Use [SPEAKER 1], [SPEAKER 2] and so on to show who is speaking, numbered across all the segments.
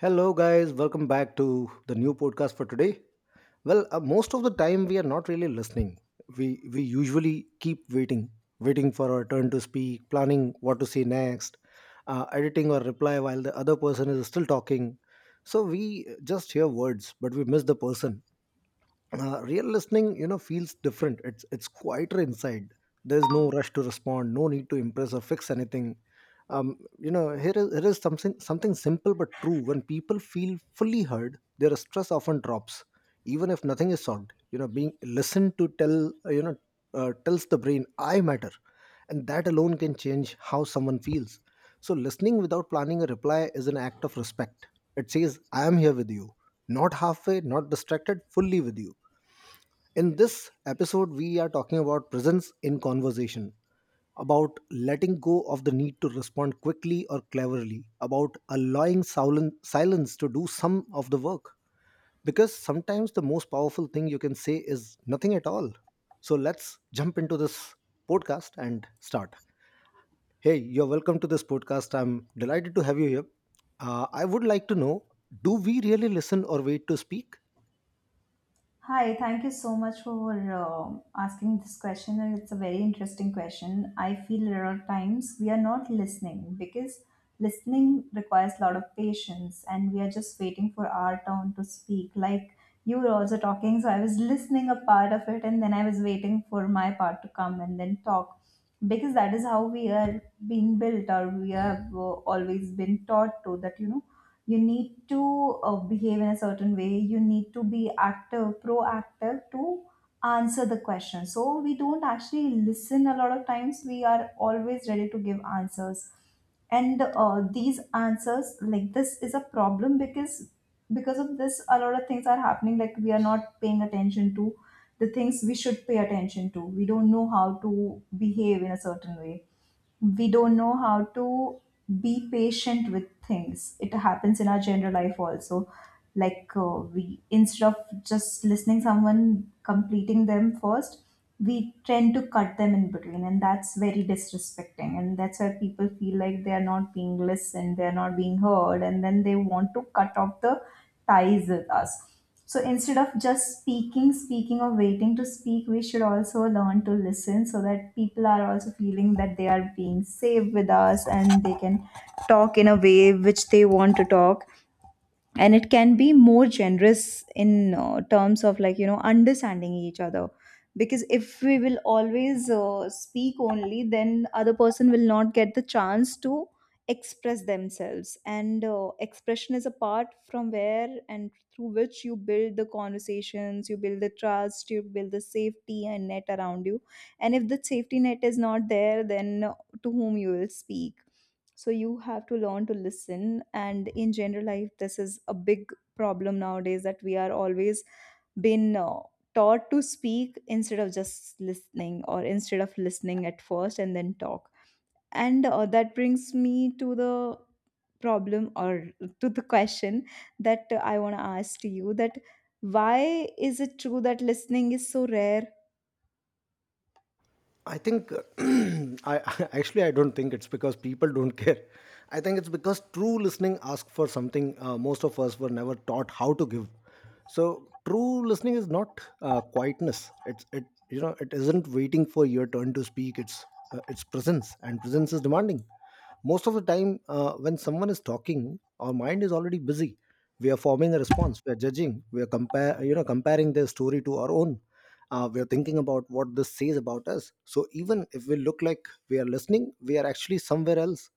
[SPEAKER 1] Hello, guys. Welcome back to the new podcast for today. Well, most of the time we are not really listening. We we usually keep waiting, waiting for our turn to speak, planning what to say next, editing or reply while the other person is still talking. So we just hear words, but we miss the person. Real listening, you know, feels different. It's quieter inside. There's no rush to respond, no need to impress or fix anything. Here is something simple but true. When people feel fully heard, their stress often drops, even if nothing is solved. You know, being listened to uh, you know tells the brain I matter, and that alone can change how someone feels. So listening without planning a reply is an act of respect. It says I am here with you, not halfway, not distracted, fully with you. In this episode, we are talking about presence in conversation, about letting go of the need to respond quickly or cleverly, about allowing silence to do some of the work. Because sometimes the most powerful thing you can say is nothing at all. So let's jump into this podcast and start. Hey, you're welcome to this podcast. I'm delighted to have you here. I would like to know, do we really listen or wait to speak?
[SPEAKER 2] Hi, thank you so much for asking this question. And it's a very interesting question. I feel a lot of times we are not listening because listening requires a lot of patience and we are just waiting for our turn to speak. Like you were also talking, so I was listening a part of it and then I was waiting for my part to come and then talk because that is how we are being built or we have always been taught to that, you know you need to behave in a certain way, you need to be active proactive to answer the question. So we don't actually listen, a lot of times we are always ready to give answers. And these answers, like this is a problem because of this a lot of things are happening, like we are not paying attention to the things we should pay attention to, we don't know how to behave in a certain way, we don't know how to be patient with things. It happens in our general life also, like we, instead of just listening someone, completing them first, we tend to cut them in between, and that's very disrespecting, and that's why people feel like they are not being listened, they're not being heard, and then they want to cut off the ties with us. So instead of just speaking or waiting to speak, we should also learn to listen so that people are also feeling that they are being safe with us and they can talk in a way which they want to talk. And it can be more generous in terms of, like, you know, understanding each other. Because if we will always speak only, then other person will not get the chance to express themselves. And expression is a part from where and through which you build the conversations, you build the trust, you build the safety and net around you. And if the safety net is not there, then to whom you will speak? So you have to learn to listen. And in general life this is a big problem nowadays, that we are always been taught to speak instead of just listening, or instead of listening at first and then talk. And that brings me to the problem, or to the question, that I want to ask to you, that why is it true that listening is so rare?
[SPEAKER 1] I think actually I don't think it's because people don't care. I think it's because true listening asks for something most of us were never taught how to give. So true listening is not quietness. It isn't waiting for your turn to speak. It's presence, and presence is demanding. Most of the time, when someone is talking, our mind is already busy. We are forming a response. We are judging. We are compare, you know, comparing their story to our own. We are thinking about what this says about us. So even if we look like we are listening, we are actually somewhere else.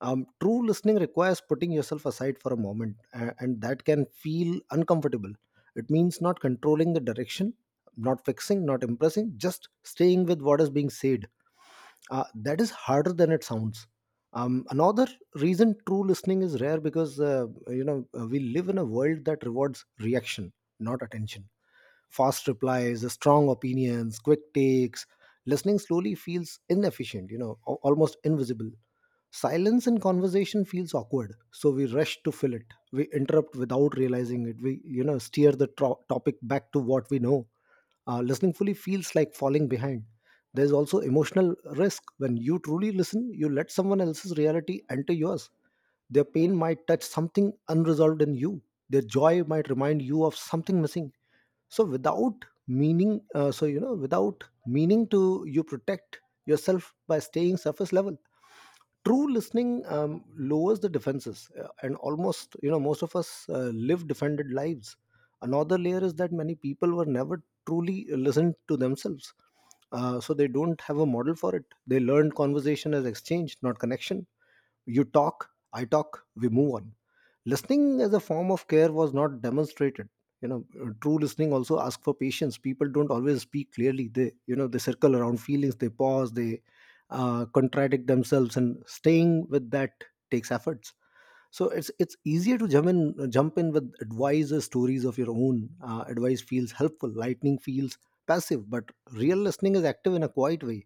[SPEAKER 1] True listening requires putting yourself aside for a moment, and that can feel uncomfortable. It means not controlling the direction, not fixing, not impressing, just staying with what is being said. That is harder than it sounds. Another reason true listening is rare: because we live in a world that rewards reaction, not attention. Fast replies, strong opinions, quick takes. Listening slowly feels inefficient, you know, almost invisible. Silence in conversation feels awkward, so we rush to fill it. We interrupt without realizing it. We, you know, steer the topic back to what we know. Listening fully feels like falling behind. There's also emotional risk. When you truly listen, you let someone else's reality enter yours. Their pain might touch something unresolved in you. Their joy might remind you of something missing. So without meaning to, you protect yourself by staying surface level. True listening lowers the defenses, and almost, you know, most of us live defended lives. Another layer is that many people were never truly listened to themselves, so they don't have a model for it. They learned conversation as exchange, not connection. You talk, I talk, we move on. Listening as a form of care was not demonstrated. You know, true listening also asks for patience. People don't always speak clearly. They, you know, they circle around feelings, they pause, they contradict themselves, and staying with that takes efforts. So it's easier to jump in with advice or stories of your own. Advice feels helpful. Lightning feels passive, but real listening is active in a quiet way.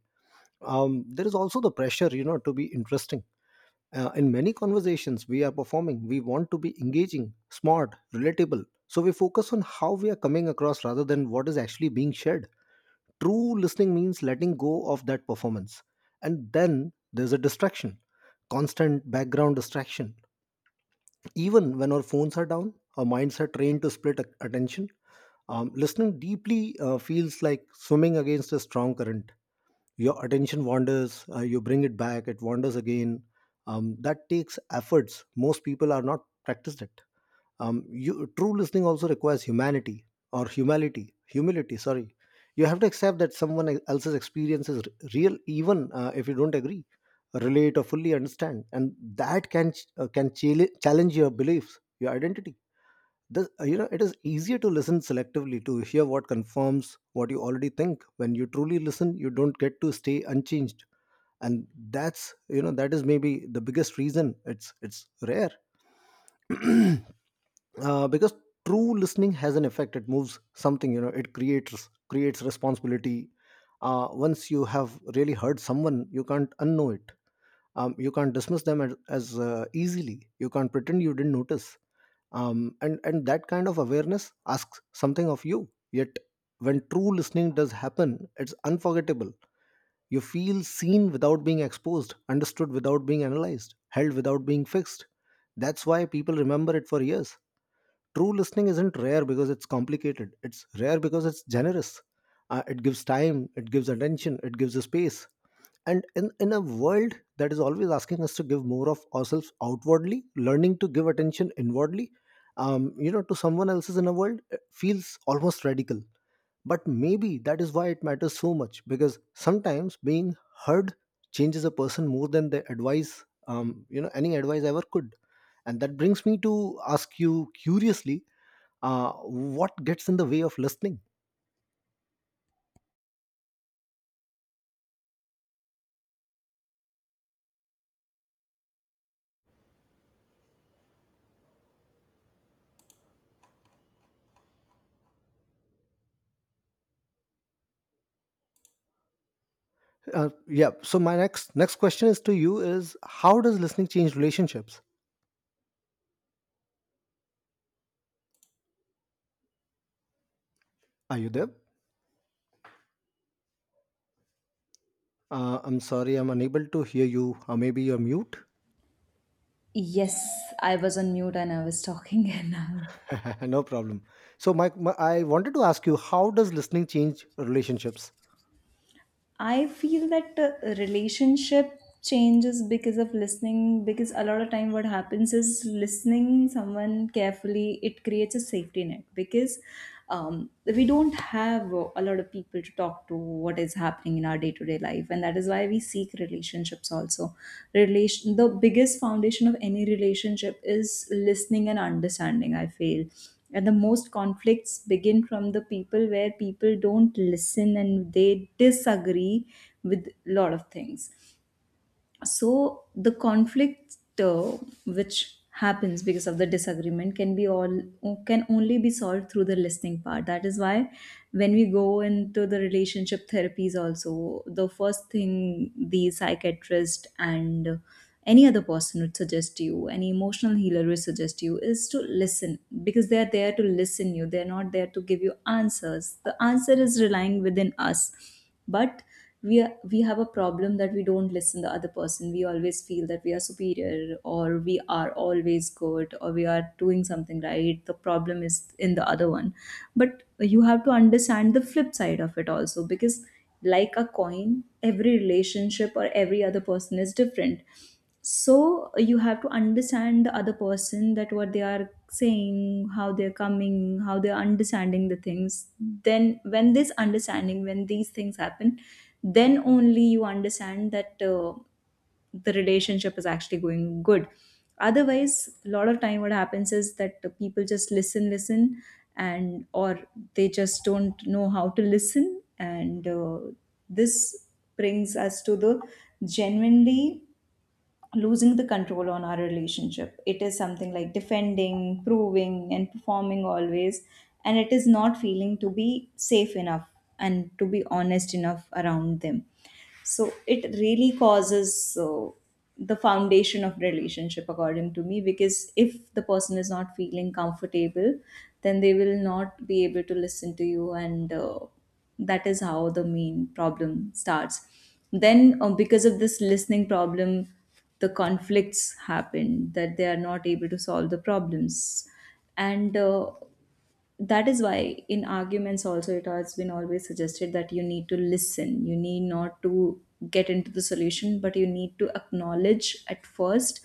[SPEAKER 1] There is also the pressure, you know, to be interesting. In many conversations we are performing. We want to be engaging, smart, relatable. So we focus on how we are coming across rather than what is actually being shared. True listening means letting go of that performance. And then there's a distraction, constant background distraction. Even when our phones are down, our minds are trained to split attention. Listening deeply feels like swimming against a strong current. Your attention wanders, you bring it back, it wanders again. That takes efforts. Most people are not practiced it. True listening also requires humanity or humility. Humility, sorry. You have to accept that someone else's experience is real, even if you don't agree, relate, or fully understand. And that can challenge your beliefs, your identity. This, it is easier to listen selectively, to hear what confirms what you already think. When you truly listen, you don't get to stay unchanged, and that's, you know, that is maybe the biggest reason it's rare. Because true listening has an effect. It moves something, you know. It creates responsibility. Once you have really heard someone, you can't unknow it. You can't dismiss them as easily. You can't pretend you didn't notice. And that kind of awareness asks something of you. Yet when true listening does happen, it's unforgettable. You feel seen without being exposed, understood without being analyzed, held without being fixed. That's why people remember it for years. True listening isn't rare because it's complicated. It's rare because it's generous. It gives time, it gives attention, it gives a space. And in a world that is always asking us to give more of ourselves outwardly, learning to give attention inwardly, to someone else's in a world feels almost radical. But maybe that is why it matters so much, because sometimes being heard changes a person more than the advice, any advice ever could. And that brings me to ask you curiously, what gets in the way of listening? Yeah, so my next question is to you is, how does listening change relationships? Are you there? I'm sorry, I'm unable to hear you. Maybe you're mute.
[SPEAKER 2] Yes, I was on mute and I was talking and
[SPEAKER 1] No problem. So Mike, my I wanted to ask you, how does listening change relationships?
[SPEAKER 2] I feel that relationship changes because of listening. Because a lot of time what happens is, listening someone carefully, it creates a safety net, because we don't have a lot of people to talk to what is happening in our day-to-day life, and that is why we seek relationships also. Relation, the biggest foundation of any relationship is listening and understanding, I feel. And the most conflicts begin from the people where people don't listen and they disagree with a lot of things. So the conflict which happens because of the disagreement can be all, can only be solved through the listening part. That is why when we go into the relationship therapies also, the first thing the psychiatrist and any other person would suggest you, any emotional healer will suggest you, is to listen, because they are there to listen you, they're not there to give you answers. The answer is relying within us. But we have a problem that we don't listen the other person, we always feel that we are superior, or we are always good, or we are doing something right, the problem is in the other one. But you have to understand the flip side of it also, because like a coin, every relationship or every other person is different. So you have to understand the other person, that what they are saying, how they're coming, how they're understanding the things. Then when this understanding, when these things happen, then only you understand that the relationship is actually going good. Otherwise a lot of time what happens is that the people just listen and or they just don't know how to listen. And this brings us to the genuinely losing the control on our relationship. It is something like defending, proving, and performing always. And it is not feeling to be safe enough and to be honest enough around them. So it really causes the foundation of relationship, according to me, because if the person is not feeling comfortable, then they will not be able to listen to you. And that is how the main problem starts. Then because of this listening problem, the conflicts happen that they are not able to solve the problems. And that is why in arguments also, it has been always suggested that you need to listen, you need not to get into the solution, but you need to acknowledge at first,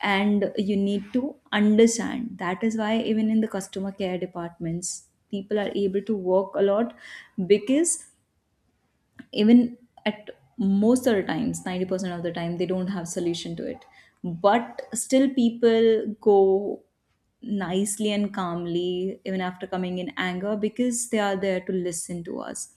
[SPEAKER 2] and you need to understand. That is why even in the customer care departments, people are able to work a lot, because even at most of the times 90% of the time they don't have solution to it, but still people go nicely and calmly even after coming in anger, because they are there to listen to us.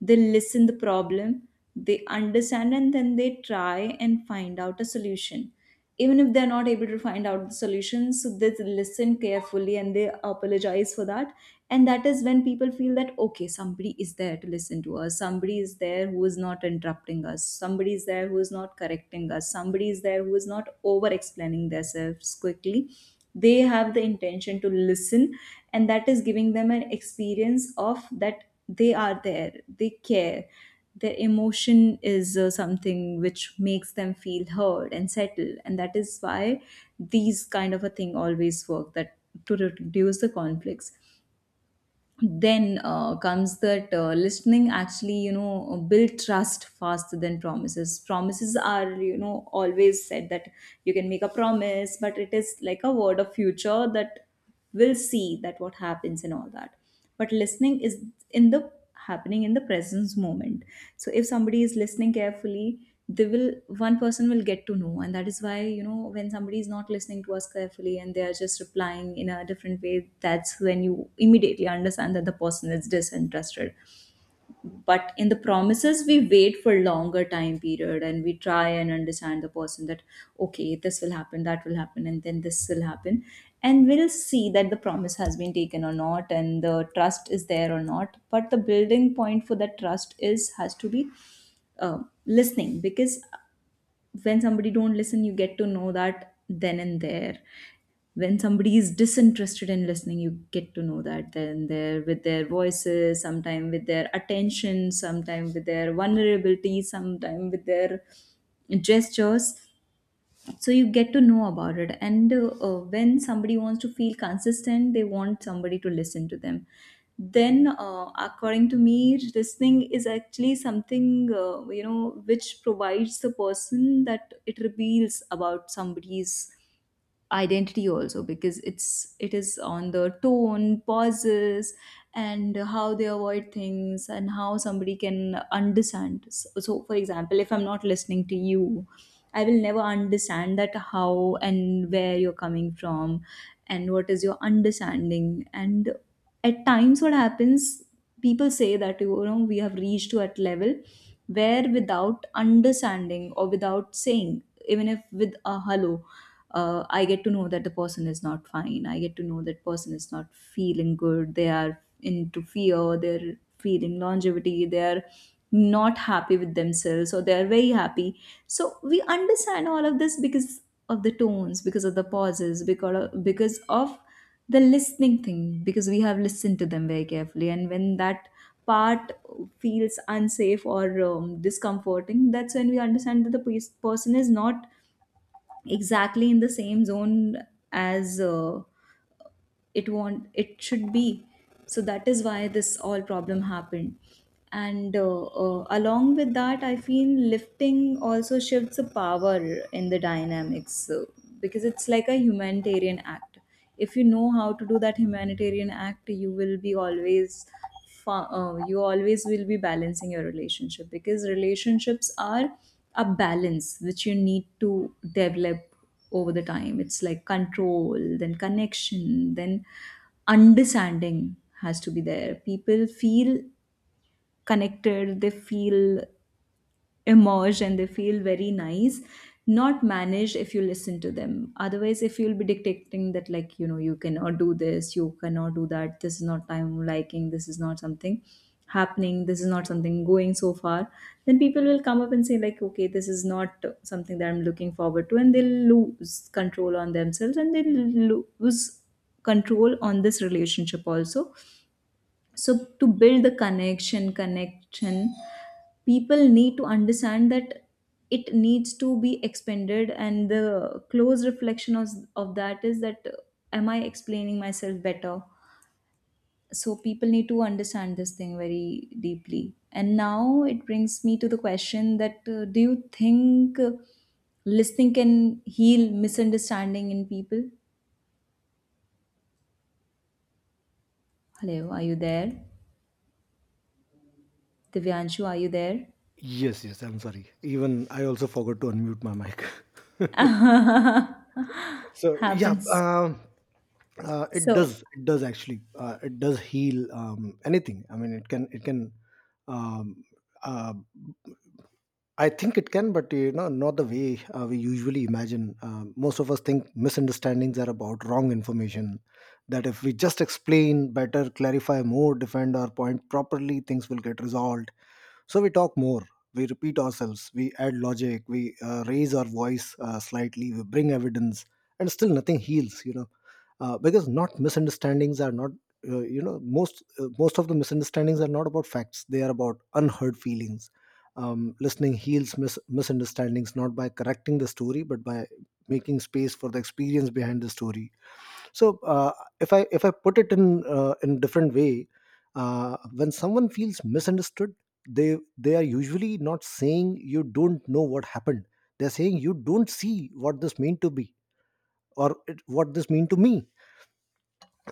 [SPEAKER 2] They listen the problem, they understand, and then they try and find out a solution. Even if they're not able to find out the solutions, so they listen carefully and they apologize for that. And that is when people feel that okay, somebody is there to listen to us, somebody is there who is not interrupting us, somebody is there who is not correcting us, somebody is there who is not over explaining themselves quickly. They have the intention to listen, and that is giving them an experience of that they are there, they care, their emotion is something which makes them feel heard and settled. And that is why these kind of a thing always work, that to reduce the conflicts. Then comes that listening actually, you know, build trust faster than promises. Promises are, you know, always said that you can make a promise, but it is like a word of future, that will see that what happens and all that. But listening is in the happening, in the presence moment. So if somebody is listening carefully, they will, one person will get to know. And that is why, you know, when somebody is not listening to us carefully and they are just replying in a different way, that's when you immediately understand that the person is disinterested. But in the promises we wait for longer time period, and we try and understand the person that okay, this will happen, that will happen, and then this will happen. And we'll see that the promise has been taken or not and the trust is there or not. But the building point for that trust is, has to be uh, listening. Because when somebody don't listen, you get to know that then and there. When somebody is disinterested in listening, you get to know that then and there, with their voices sometime, with their attention sometime, with their vulnerability sometime, with their gestures. So you get to know about it. And when somebody wants to feel consistent, they want somebody to listen to them. Then according to me, listening is actually something, you know, which provides the person that it reveals about somebody's identity also, because it's, it is on the tone, pauses, and how they avoid things, and how somebody can understand. So for example, if I'm not listening to you, I will never understand that how and where you're coming from, and what is your understanding. And at times, what happens, people say that, you know, we have reached to that level where without understanding or without saying, even if with a hello, I get to know that the person is not fine. I get to know that person is not feeling good. They are into fear. They're feeling longevity. They are not happy with themselves, or they're very happy. So we understand all of this because of the tones, because of the pauses, because of the listening thing, because we have listened to them very carefully. And when that part feels unsafe or discomforting, that's when we understand that the person is not exactly in the same zone as it want it should be. So that is why this all problem happened. And along with that, I feel lifting also shifts the power in the dynamics, because it's like a humanitarian act. If you know how to do that humanitarian act, you will be always you always will be balancing your relationship, because relationships are a balance which you need to develop over the time. It's like control, then connection, then understanding has to be there. People feel connected, they feel emerge and they feel very nice, not managed, if you listen to them. Otherwise, if you'll be dictating that, like, you know, you cannot do this, you cannot do that, this is not time liking, this is not something happening, this is not something going so far, then people will come up and say, like, okay, this is not something that I'm looking forward to, and they'll lose control on themselves, and they'll lose control on this relationship also. So to build the connection, people need to understand that it needs to be expanded, and the close reflection of that is that, am I explaining myself better? So people need to understand this thing very deeply. And now it brings me to the question that, do you think listening can heal misunderstanding in people? Hello, are you there? Divyanshu, are you there?
[SPEAKER 1] Yes, yes, I'm sorry, even I also forgot to unmute my mic. So yeah.
[SPEAKER 2] Happens.
[SPEAKER 1] It
[SPEAKER 2] So
[SPEAKER 1] does, it does, actually. It does heal anything, I mean. It can um, uh, I think it can, but you know, not the way we usually imagine. Most of us think misunderstandings are about wrong information. That if we just explain better, clarify more, defend our point properly, things will get resolved. So we talk more, we repeat ourselves, we add logic, we raise our voice slightly, we bring evidence, and still nothing heals. You know, because not misunderstandings are not. You know, most of the misunderstandings are not about facts; they are about unheard feelings. Listening heals misunderstandings not by correcting the story, but by making space for the experience behind the story. so uh, if I put it in different way, when someone feels misunderstood, they are usually not saying, you don't know what happened. They're saying, you don't see what this meant to be, or it, what this mean to me.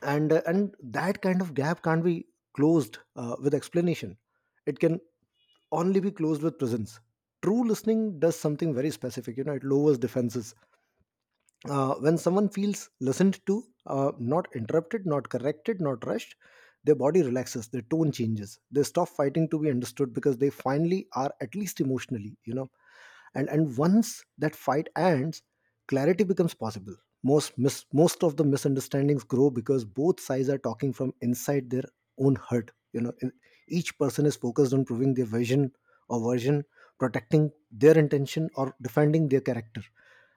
[SPEAKER 1] And that kind of gap can't be closed with explanation. It can only be closed with presence. True listening does something very specific, you know. It lowers defenses. When someone feels listened to, not interrupted, not corrected, not rushed, their body relaxes, their tone changes, they stop fighting to be understood because they finally are, at least emotionally, you know. And once that fight ends, clarity becomes possible. Most of the misunderstandings grow because both sides are talking from inside their own hurt. You know, each person is focused on proving their vision or version, protecting their intention or defending their character.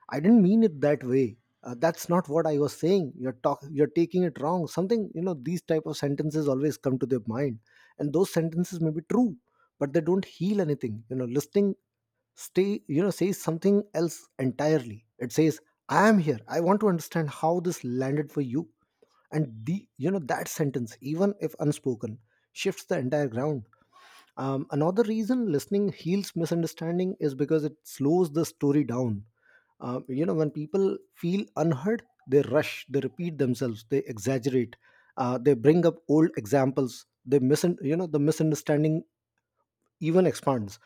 [SPEAKER 1] I didn't mean it that way. That's not what I was saying. You're taking it wrong. Something, you know, these type of sentences always come to their mind. And those sentences may be true, but they don't heal anything. You know, listening says something else entirely. It says, I am here. I want to understand how this landed for you. And that sentence, even if unspoken, shifts the entire ground. Another reason listening heals misunderstanding is because it slows the story down. When people feel unheard, they rush, they repeat themselves, they exaggerate, they bring up old examples, they mis you know the misunderstanding even expands.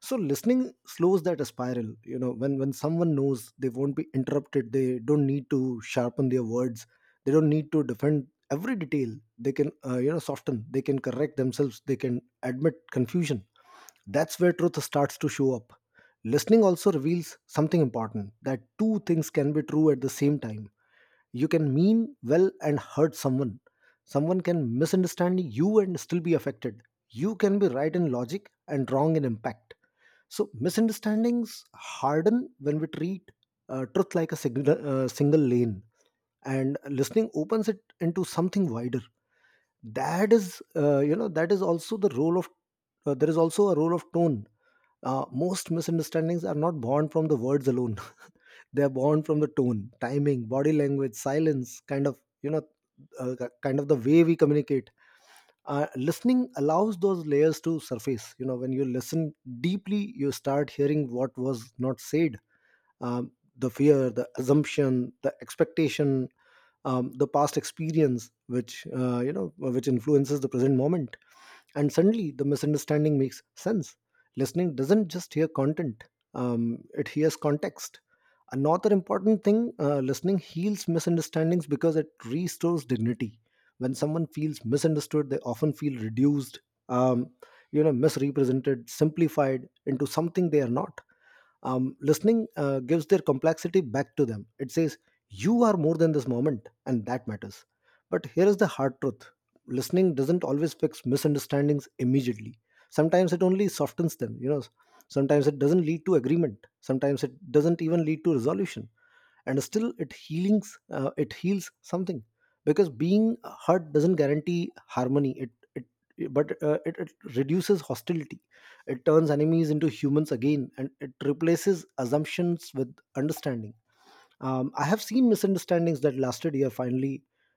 [SPEAKER 1] So listening slows that spiral. When someone knows they won't be interrupted, they don't need to sharpen their words, they don't need to defend every detail. They can soften, they can correct themselves, they can admit confusion. That's where truth starts to show up. Listening also reveals something important, that two things can be true at the same time. You can mean well and hurt someone. Someone can misunderstand you and still be affected. You can be right in logic and wrong in impact. So misunderstandings harden when we treat truth like a single, single lane, and listening opens it into something wider. That is also the role of there is also a role of tone. Most misunderstandings are not born from the words alone. They are born from the tone, timing, body language, silence, kind of, uh, kind of the way we communicate. Listening allows those layers to surface. You know, when you listen deeply, you start hearing what was not said. The fear, the assumption, the expectation, the past experience, which which influences the present moment, and suddenly the misunderstanding makes sense. Listening doesn't just hear content, it hears context. Another important thing, listening heals misunderstandings because it restores dignity. When someone feels misunderstood, they often feel reduced, um, misrepresented, simplified into something they are not. Listening gives their complexity back to them. It says, you are more than this moment, and that matters. But here is the hard truth. Listening doesn't always fix misunderstandings immediately. Sometimes it only softens them. You know, sometimes it doesn't lead to agreement, sometimes it doesn't even lead to resolution, and still it healings, it heals something. Because being hurt doesn't guarantee harmony. It it but uh, it, it reduces hostility. It turns enemies into humans again, and it replaces assumptions with understanding. I have seen misunderstandings that lasted year finally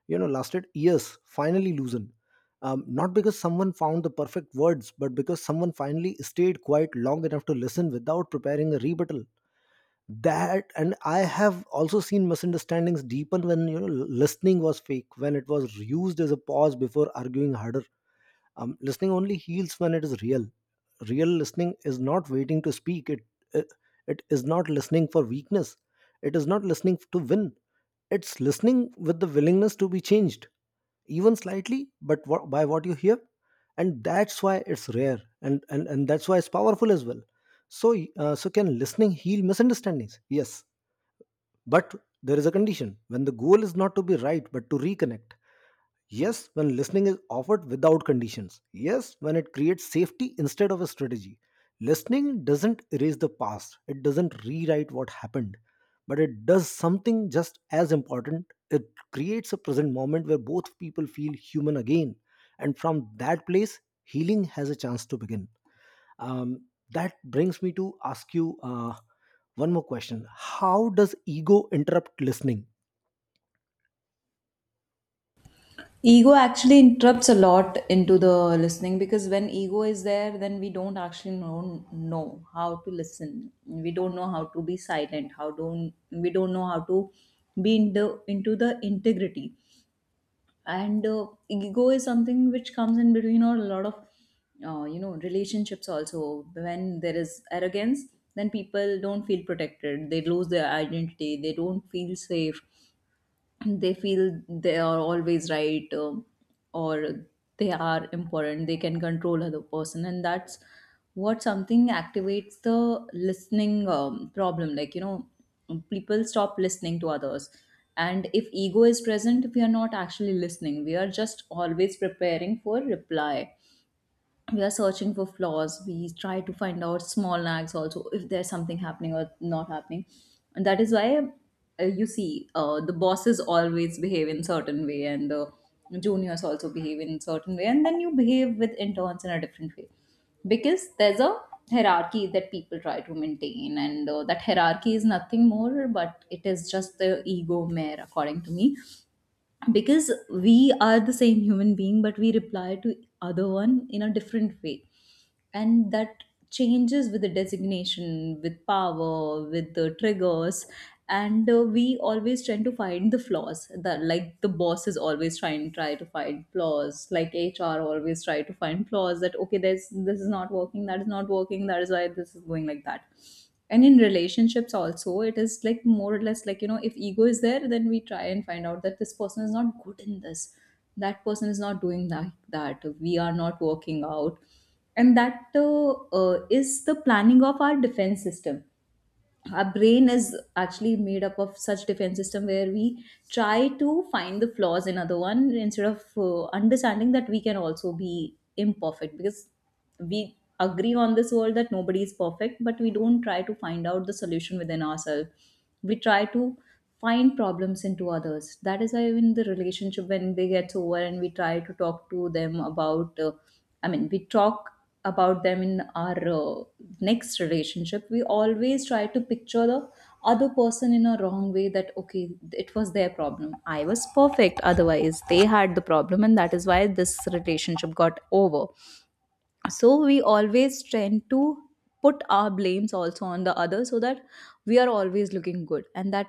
[SPEAKER 1] you know lasted years finally loosen, not because someone found the perfect words, but because someone finally stayed quiet long enough to listen without preparing a rebuttal. That And I have also seen misunderstandings deepen when, you know, listening was fake, when it was used as a pause before arguing harder. Listening only heals when it is real. Real listening is not waiting to speak. It it is not listening for weakness, it is not listening to win. It's listening with the willingness to be changed, even slightly, but by what you hear. And that's why it's rare, and that's why it's powerful as well. So can listening heal misunderstandings? Yes. But there is a condition. When the goal is not to be right but to reconnect. Yes, when listening is offered without conditions. Yes, when it creates safety instead of a strategy. Listening doesn't erase the past, it doesn't rewrite what happened, but it does something just as important. It creates a present moment where both people feel human again. And from that place, healing has a chance to begin. Um, that brings me to ask you one more question. How does ego interrupt listening?
[SPEAKER 2] ego actually interrupts a lot into the listening, because when ego is there, then we don't actually know how to listen. We don't know how to be silent. How don't we don't know how to be in the, into the integrity. And ego is something which comes in between or a lot of you know, relationships also. When there is arrogance, then people don't feel protected. They lose their identity. They don't feel safe, they feel they are always right, or they are important, they can control other person, and that's what something activates the listening, problem, like, you know, people stop listening to others. And if ego is present, we are not actually listening, we are just always preparing for reply. We are searching for flaws, we try to find out small nags also, if there's something happening or not happening. And that is why, you see, the bosses always behave in certain way, and the juniors also behave in certain way, and then you behave with interns in a different way, because there's a hierarchy that people try to maintain. And that hierarchy is nothing more but it is just the ego mare, according to me, because we are the same human being, but we reply to other one in a different way. And that changes with the designation, with power, with the triggers. And we always tend to find the flaws, that like the boss is always trying try to find flaws, like HR always try to find flaws, that okay, there's this is not working, that is not working, that is why this is going like that. And in relationships also, it is like more or less, like, you know, if ego is there, then we try and find out that this person is not good in this, that person is not doing that, that we are not working out. And that is the planning of our defense system. Our brain is actually made up of such defense system, where we try to find the flaws in other one, instead of understanding that we can also be imperfect, because we agree on this world that nobody is perfect, but we don't try to find out the solution within ourselves. We try to find problems into others. That is why in the relationship, when they get over and we try to talk to them about, I mean, we talk about them in our next relationship. We always try to picture the other person in a wrong way, that okay, it was their problem, I was perfect, otherwise they had the problem, and that is why this relationship got over. So we always tend to put our blames also on the other, so that we are always looking good. And that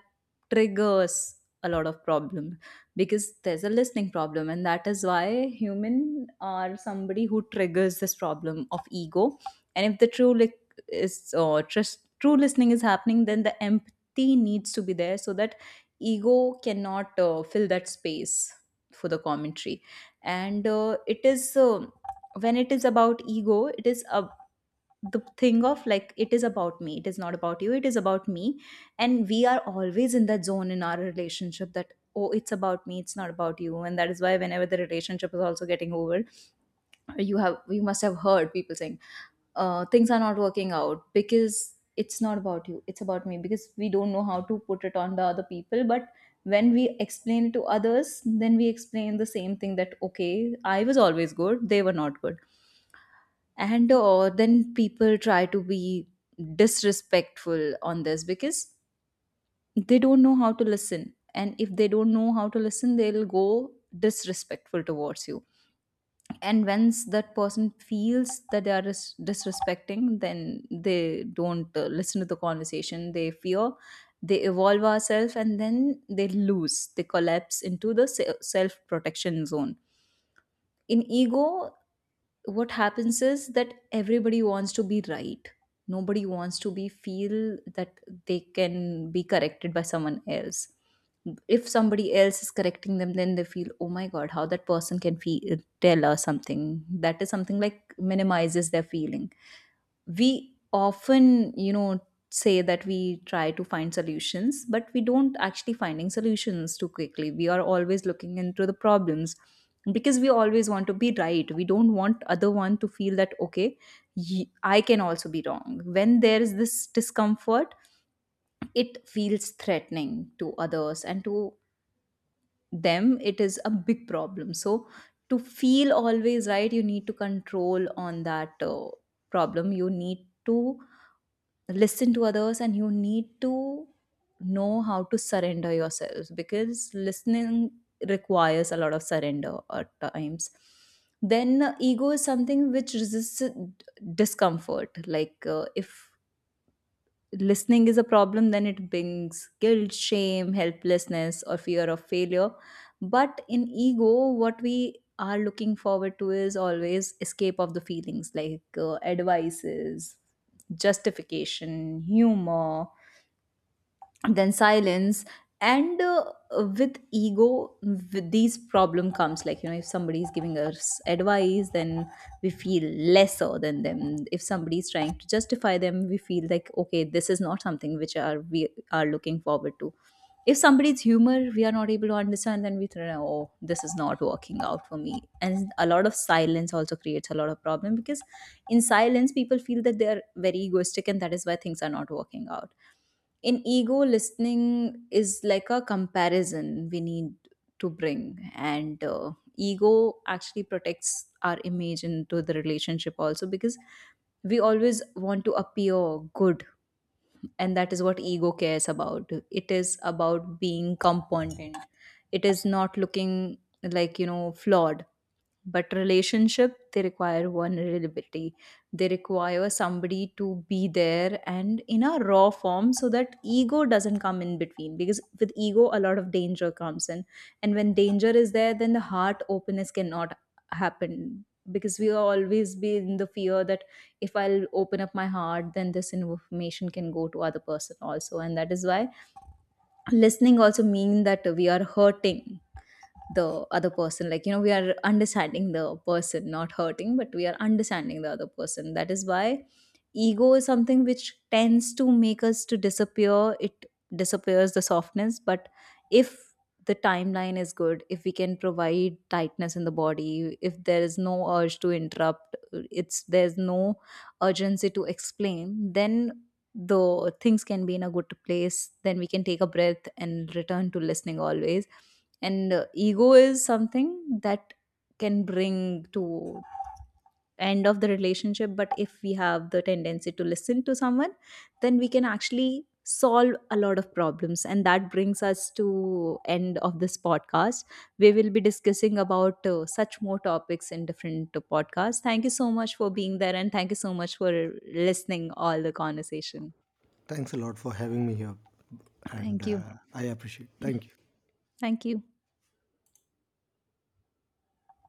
[SPEAKER 2] triggers a lot of problem, because there's a listening problem, and that is why human are somebody who triggers this problem of ego. And if the true lick is, or trust true listening is happening, then the empathy needs to be there so that ego cannot fill that space for the commentary. And it is when it is about ego, it is a, the thing of like, it is about me, it is not about you, it is about me. And we are always in that zone in our relationship, that oh, it's about me, it's not about you. And that is why whenever the relationship is also getting over, you must have heard people saying, things are not working out because it's not about you, it's about me, because we don't know how to put it on the other people. But when we explain it to others, then we explain the same thing, that okay, I was always good, they were not good. And then people try to be disrespectful on this, because they don't know how to listen. And if they don't know how to listen, they'll go disrespectful towards you. And once that person feels that they are disrespecting, then they don't listen to the conversation, they fear, they evolve ourselves, and then they lose, they collapse into the self protection zone. In ego, what happens is that everybody wants to be right. Nobody wants to be feel that they can be corrected by someone else. If somebody else is correcting them, then they feel, oh my god, how that person can feel tell us something, that is something like minimizes their feeling. We often, you know, say that we try to find solutions, but we don't actually finding solutions too quickly, we are always looking into the problems, because we always want to be right. We don't want other one to feel that okay, I can also be wrong. When there is this discomfort, it feels threatening to others, and to them it is a big problem. So to feel always right, you need to control on that problem, you need to listen to others, and you need to know how to surrender yourselves, because listening requires a lot of surrender at times. Then ego is something which resists discomfort, like if listening is a problem, then it brings guilt, shame, helplessness, or fear of failure. But in ego, what we are looking forward to is always escape of the feelings, like advices, justification, humor, then silence. And with ego, with these problem comes, like, you know, if somebody is giving us advice, then we feel lesser than them. If somebody is trying to justify them, we feel like, okay, this is not something which are we are looking forward to. If somebody's humor we are not able to understand, then we think, oh, this is not working out for me. And a lot of silence also creates a lot of problem, because in silence people feel that they are very egoistic, and that is why things are not working out. In ego, listening is like a comparison we need to bring. And ego actually protects our image into the relationship also, because we always want to appear good. And that is what ego cares about, it is about being competent, it is not looking, like, you know, flawed. But relationship, they require vulnerability, they require somebody to be there and in a raw form, so that ego doesn't come in between, because with ego a lot of danger comes in. And when danger is there, then the heart openness cannot happen, because we always be in the fear that if I'll open up my heart, then this information can go to other person also. And that is why listening also mean that we are hurting the other person, like, you know, we are understanding the person, not hurting, but we are understanding the other person. That is why ego is something which tends to make us to disappear, it disappears the softness. But if the timeline is good, if we can provide tightness in the body, if there is no urge to interrupt, it's there's no urgency to explain, then the things can be in a good place, then we can take a breath and return to listening always. And ego is something that can bring to end of the relationship. But if we have the tendency to listen to someone, then we can actually solve a lot of problems. And that brings us to end of this podcast. We will be discussing about such more topics in different podcasts. Thank you so much for being there, and thank you so much for listening all the conversation.
[SPEAKER 1] Thanks a lot for having me here, and
[SPEAKER 2] Thank you.
[SPEAKER 1] I appreciate. Thank you.
[SPEAKER 2] Thank you.